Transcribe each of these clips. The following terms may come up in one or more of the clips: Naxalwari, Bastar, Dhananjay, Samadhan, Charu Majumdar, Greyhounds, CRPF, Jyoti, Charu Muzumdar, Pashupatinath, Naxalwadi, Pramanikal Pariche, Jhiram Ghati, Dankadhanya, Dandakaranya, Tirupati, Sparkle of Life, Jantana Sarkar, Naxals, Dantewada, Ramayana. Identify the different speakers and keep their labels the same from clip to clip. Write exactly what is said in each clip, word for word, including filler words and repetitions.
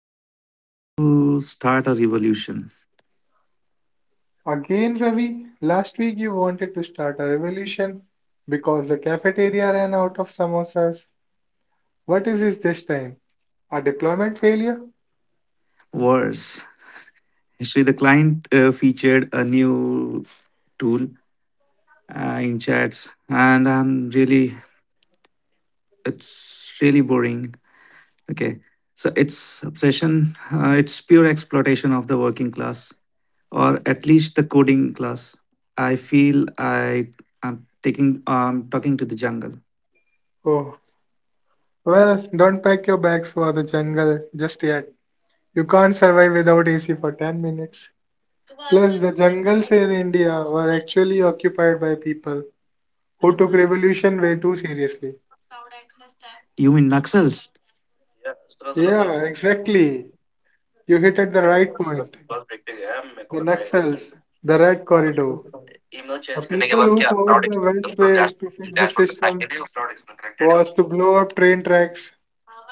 Speaker 1: Dhananjay, I'm going to start a revolution.
Speaker 2: Again, Ravi, last week you wanted to start a revolution because the cafeteria ran out of samosas. What is this this time? A deployment failure?
Speaker 1: Worse, actually, the client uh, featured a new tool uh, in chats, and I'm really, it's really boring. Okay, so it's obsession. Uh, it's pure exploitation of the working class, or at least the coding class. I feel I am taking, um, talking to the jungle.
Speaker 2: Oh, well, don't pack your bags for the jungle just yet. You can't survive without A C for ten minutes. Plus, the jungles in India were actually occupied by people who took revolution way too seriously.
Speaker 1: You mean Naxals?
Speaker 2: Yeah, exactly. You hit at the right point. The Naxals, the Red Corridor, the people who thought the best way to fix the system was to blow up train tracks.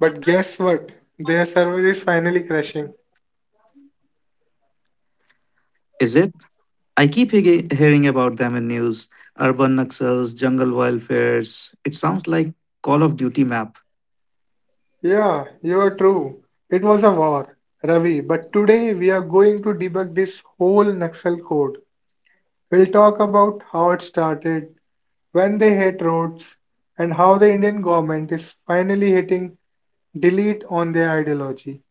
Speaker 2: But guess what? Their server is finally crashing.
Speaker 1: Is it? I keep he- hearing about them in news, urban Naxals, jungle wildfires. It sounds like Call of Duty map.
Speaker 2: Yeah, you are true. It was a war, Ravi. But today we are going to debug this whole Naxal code. We'll talk about how it started, when they hit roads, and how the Indian government is finally hitting delete on their ideology,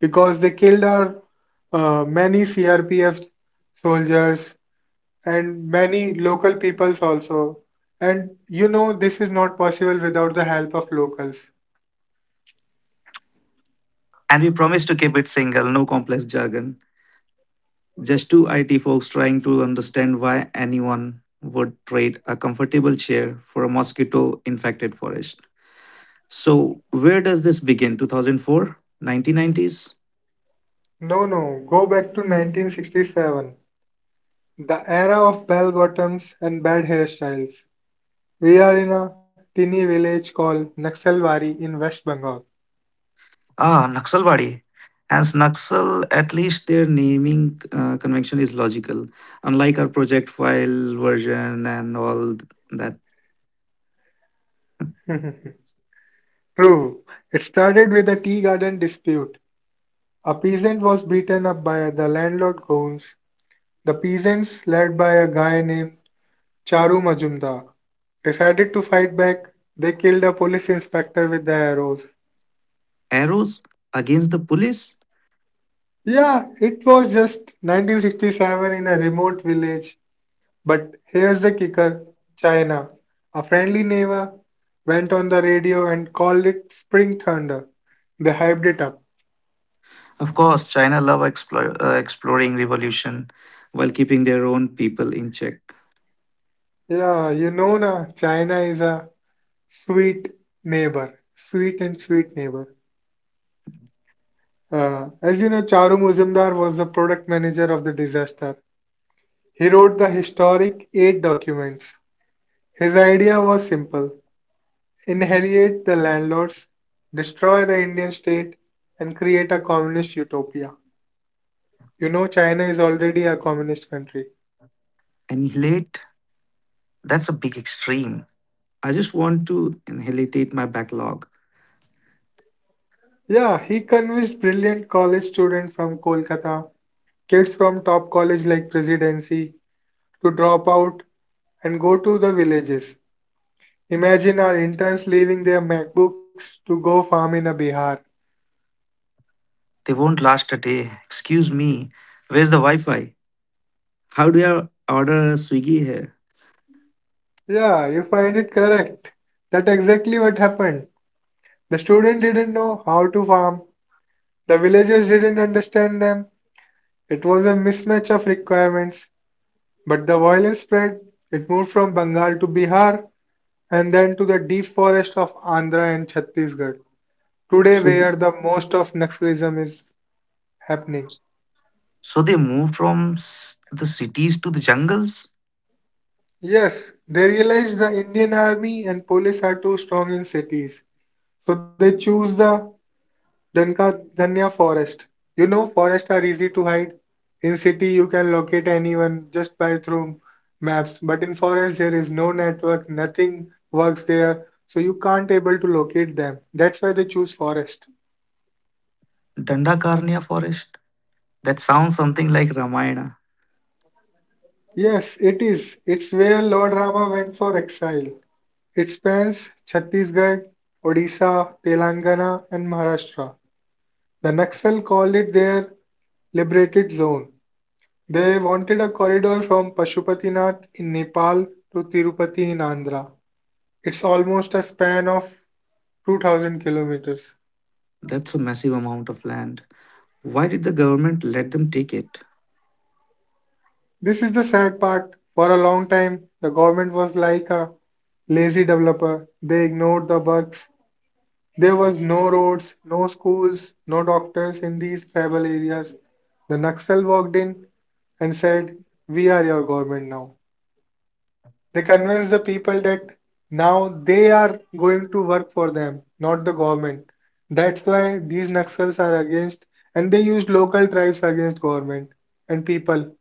Speaker 2: because they killed our uh, many C R P F soldiers and many local peoples also. And you know, this is not possible without the help of locals.
Speaker 1: And we promise to keep it single, no complex jargon. Just two I T folks trying to understand why anyone would trade a comfortable chair for a mosquito infected forest. So, where does this begin? two thousand four? nineteen nineties?
Speaker 2: No, no, go back to nineteen sixty-seven, the era of bell bottoms and bad hairstyles. We are in a teeny village called Naxalwari in West Bengal.
Speaker 1: Ah, Naxalwadi. As Naxal, at least their naming uh, convention is logical. Unlike our project file version and all that.
Speaker 2: True, it started with a tea garden dispute. A peasant was beaten up by the landlord goons. The peasants, led by a guy named Charu Majumdar, decided to fight back. They killed a police inspector with their arrows.
Speaker 1: Arrows against the police?
Speaker 2: Yeah, it was just nineteen sixty-seven in a remote village. But here's the kicker. China, a friendly neighbor, went on the radio and called it Spring Thunder. They hyped it up.
Speaker 1: Of course, China love explore, uh, exploring revolution while keeping their own people in check.
Speaker 2: Yeah, you know na, China is a sweet neighbor. Sweet and sweet neighbor. Uh, as you know, Charu Muzumdar was the product manager of the disaster. He wrote the historic eight documents. His idea was simple: inherit the landlords, destroy the Indian state, and create a communist utopia. You know, China is already a communist country.
Speaker 1: Annihilate? That's a big extreme. I just want to annihilate my backlog.
Speaker 2: Yeah, he convinced brilliant college students from Kolkata, kids from top college like Presidency, to drop out and go to the villages. Imagine our interns leaving their MacBooks to go farm in a Bihar.
Speaker 1: They won't last a day. Excuse me. Where's the Wi Fi? How do I order Swiggy here?
Speaker 2: Yeah, you find it correct. That's exactly what happened. The student didn't know how to farm. The villagers didn't understand them. It was a mismatch of requirements. But the violence spread. It moved from Bengal to Bihar and then to the deep forest of Andhra and Chhattisgarh. Today,
Speaker 1: So.
Speaker 2: where the most of Naxalism is happening.
Speaker 1: So they moved from s- the cities to the jungles.
Speaker 2: Yes, they realized the Indian army and police are too strong in cities. So they choose the Dankadhanya forest. You know, forests are easy to hide. In city, you can locate anyone just by through maps. But in forest, there is no network, nothing works there, so you can't able to locate them. That's why they choose forest.
Speaker 1: Dandakaranya forest. That sounds something like Ramayana.
Speaker 2: Yes, it is. It's where Lord Rama went for exile. It spans Chhattisgarh, Odisha, Telangana, and Maharashtra. The Naxal called it their liberated zone. They wanted a corridor from Pashupatinath in Nepal to Tirupati in Andhra. It's almost a span of two thousand kilometers.
Speaker 1: That's a massive amount of land. Why did the government let them take it?
Speaker 2: This is the sad part. For a long time, the government was like a lazy developer. They ignored the bugs. There was no roads, no schools, no doctors in these tribal areas. The Naxal walked in and said, "We are your government now." They convince the people that now they are going to work for them, not the government. That's why these Naxals are against, and they use local tribes against government and people.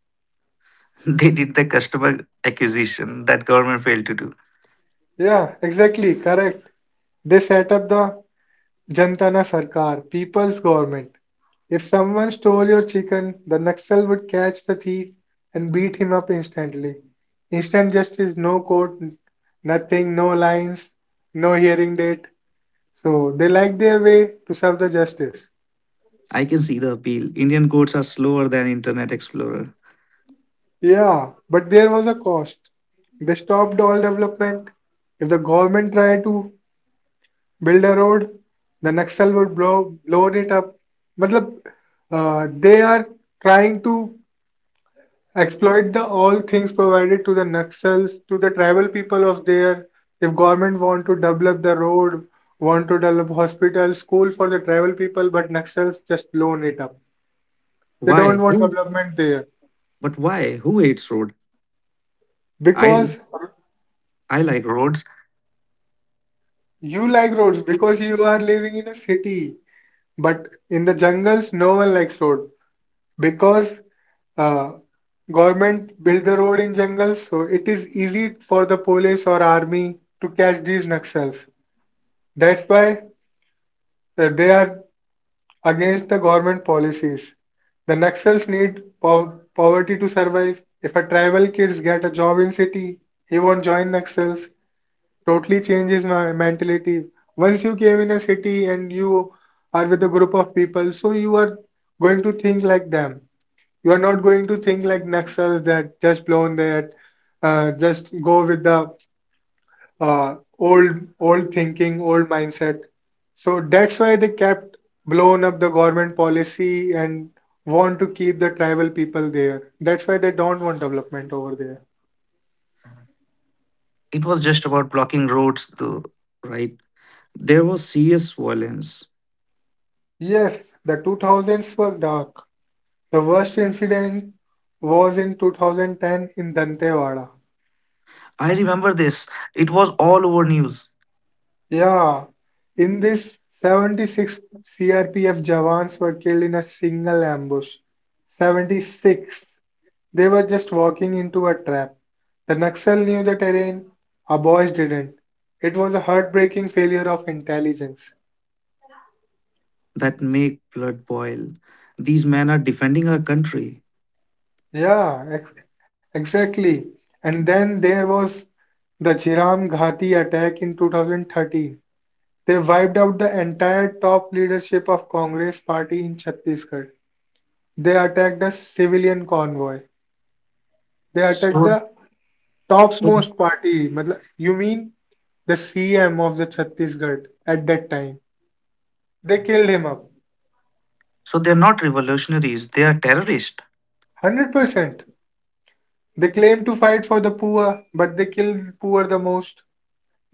Speaker 1: They did the customer acquisition that government failed to do.
Speaker 2: Yeah, exactly, correct. They set up the Jantana Sarkar, people's government. If someone stole your chicken, the Naxal would catch the thief and beat him up instantly. Instant justice, no court, nothing, no lines, no hearing date. So they liked their way to serve the justice.
Speaker 1: I can see the appeal. Indian codes are slower than Internet Explorer.
Speaker 2: Yeah, but there was a cost. They stopped all development. If the government tried to build a road, the Naxal would blow load it up. Matlab, uh, they are trying to exploit the all things provided to the Naxals, to the tribal people of there. If government want to develop the road, want to develop hospital, school for the tribal people, but Naxals just blown it up. They
Speaker 1: Why?
Speaker 2: don't want
Speaker 1: Who-
Speaker 2: development there.
Speaker 1: But why? Who hates road? I
Speaker 2: Because
Speaker 1: I like roads.
Speaker 2: you like roads, because you are living in a city. But in the jungles, no one likes road because uh, government build the road in jungles, so it is easy for the police or army to catch these Naxals. That's why uh, they are against the government policies. The Naxals need po- poverty to survive. If a tribal kids get a job in city, he won't join Naxals. Totally changes my mentality. Once you came in a city and you are with a group of people, so you are going to think like them. You are not going to think like Naxals that just blown that, uh, just go with the uh, old old thinking, old mindset. So that's why they kept blown up the government policy and want to keep the tribal people there. That's why they don't want development over there.
Speaker 1: It was just about blocking roads, though, right? There was serious violence.
Speaker 2: Yes, the two thousands were dark. The worst incident was in two thousand ten in Dantewada.
Speaker 1: I remember this. It was all over news.
Speaker 2: Yeah, in this, seventy-six C R P F Jawans were killed in a single ambush. seventy-six. They were just walking into a trap. The Naxal knew the terrain, our boys didn't. It was a heartbreaking failure of intelligence.
Speaker 1: That make blood boil. These men are defending our country.
Speaker 2: Yeah, ex exactly. And then there was the Jhiram Ghati attack in two thousand thirteen. They wiped out the entire top leadership of Congress party in Chhattisgarh. They attacked a civilian convoy. They attacked
Speaker 1: So
Speaker 2: the
Speaker 1: so
Speaker 2: topmost party. मतलब, you mean the C M of the Chhattisgarh at that time? They killed him up.
Speaker 1: so they're not revolutionaries. They are terrorists.
Speaker 2: one hundred percent. They claim to fight for the poor, but they kill the poor the most.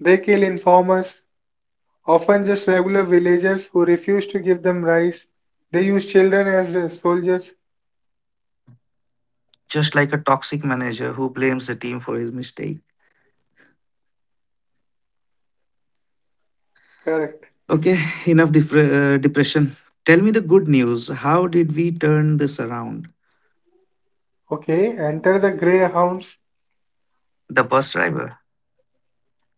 Speaker 2: They kill informers, often just regular villagers who refuse to give them rice. They use children as uh, soldiers.
Speaker 1: Just like a toxic manager who blames the team for his mistake.
Speaker 2: Correct.
Speaker 1: Okay, enough defre- uh, depression. Tell me the good news. How did we turn this around?
Speaker 2: Okay, enter the Greyhounds.
Speaker 1: The bus driver.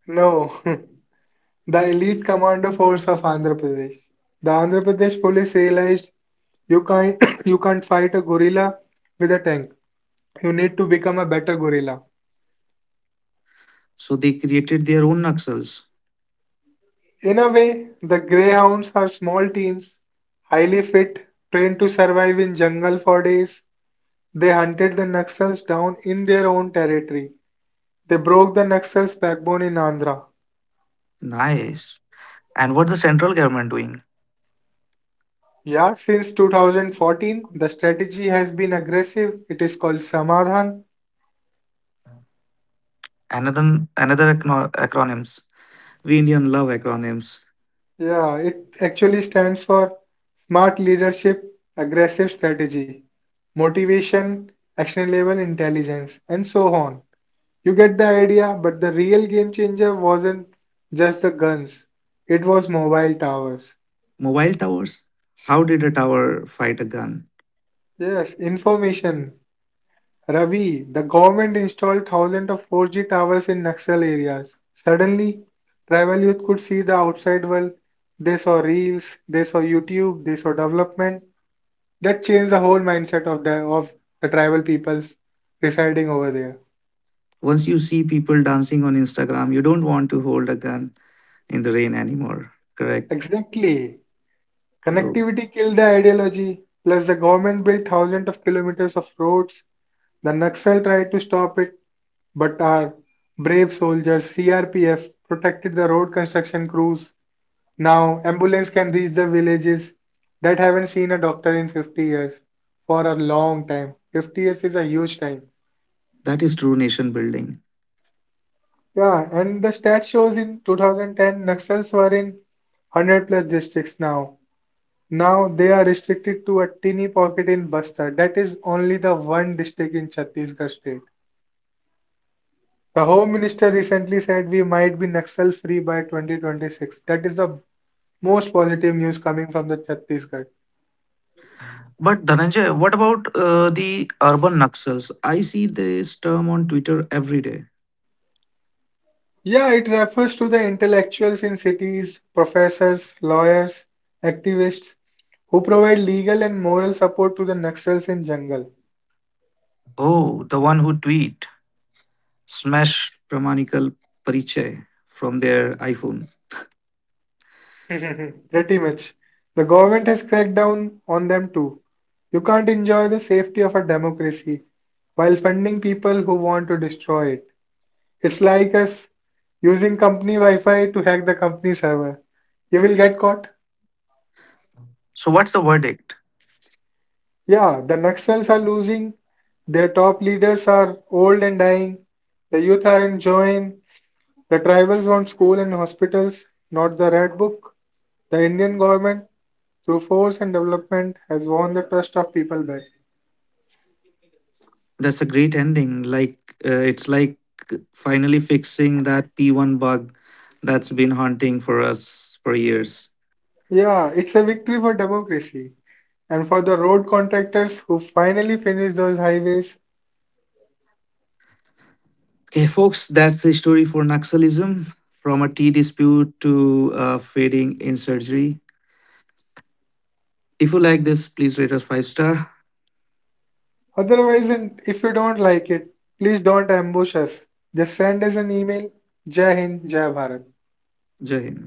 Speaker 2: No, the elite commando force of Andhra Pradesh. The Andhra Pradesh police realized you can't you can't fight a gorilla with a tank. You need to become a better gorilla.
Speaker 1: So they created their own Naxals.
Speaker 2: In a way, the Greyhounds are small teams, highly fit, trained to survive in jungle for days. They hunted the Naxals down in their own territory. They broke the Naxals' backbone in Andhra.
Speaker 1: Nice. And what the central government doing?
Speaker 2: Yeah, since two thousand fourteen, the strategy has been aggressive. It is called Samadhan.
Speaker 1: Another another acno- Acronyms. We Indian love acronyms.
Speaker 2: Yeah, it actually stands for Smart Leadership, Aggressive Strategy, Motivation, Action Level Intelligence, and so on. You get the idea, but the real game changer wasn't just the guns, it was mobile towers.
Speaker 1: Mobile towers. How did a tower fight a gun?
Speaker 2: Yes, information. Ravi, the government installed thousands of four G towers in Naxal areas. Suddenly, tribal youth could see the outside world. They saw reels, they saw YouTube, they saw development. That changed the whole mindset of the, of the tribal peoples residing over there.
Speaker 1: Once you see people dancing on Instagram, you don't want to hold a gun in the rain anymore. Correct.
Speaker 2: Exactly.
Speaker 1: Oh,
Speaker 2: Connectivity killed the ideology. Plus, the government built thousands of kilometers of roads. The Naxal tried to stop it, but our brave soldiers, C R P F, protected the road construction crews. Now, ambulance can reach the villages that haven't seen a doctor in fifty years for a long time. fifty years is a huge time.
Speaker 1: that is true nation building.
Speaker 2: Yeah, and the stat shows in two thousand ten Naxals were in one hundred plus districts now. Now they are restricted to a teeny pocket in Bastar. That is only the one district in Chhattisgarh state. The Home Minister recently said we might be Naxal free by twenty twenty-six. That is the most positive news coming from the Chhattisgarh.
Speaker 1: But Dhananjay, what about uh, the urban Naxals? I see this term on Twitter every day.
Speaker 2: Yeah, it refers to the intellectuals in cities, professors, lawyers, activists who provide legal and moral support to the Naxals in jungle.
Speaker 1: Oh, the one who tweet smash Pramanikal Pariche from their iPhone.
Speaker 2: Pretty much. The government has cracked down on them too. You can't enjoy the safety of a democracy while funding people who want to destroy it. It's like us using company Wi Fi to hack the company server. You will get caught.
Speaker 1: So what's the verdict?
Speaker 2: Yeah, the Naxals are losing, their top leaders are old and dying, the youth are enjoying, the tribals want school and hospitals, not the Red Book. The Indian government, through force and development, has won the trust of people back.
Speaker 1: That's a great ending. Like uh, it's like finally fixing that P one bug that's been haunting for us for years.
Speaker 2: Yeah, it's a victory for democracy and for the road contractors who finally finish those highways.
Speaker 1: Okay, folks, that's the story for Naxalism from a tea dispute to uh, fading in surgery. If you like this, please rate us five star.
Speaker 2: Otherwise, and if you don't like it, please don't ambush us. Just send us an email. Jai Hind, Jai Bharat.
Speaker 1: Jai Hind.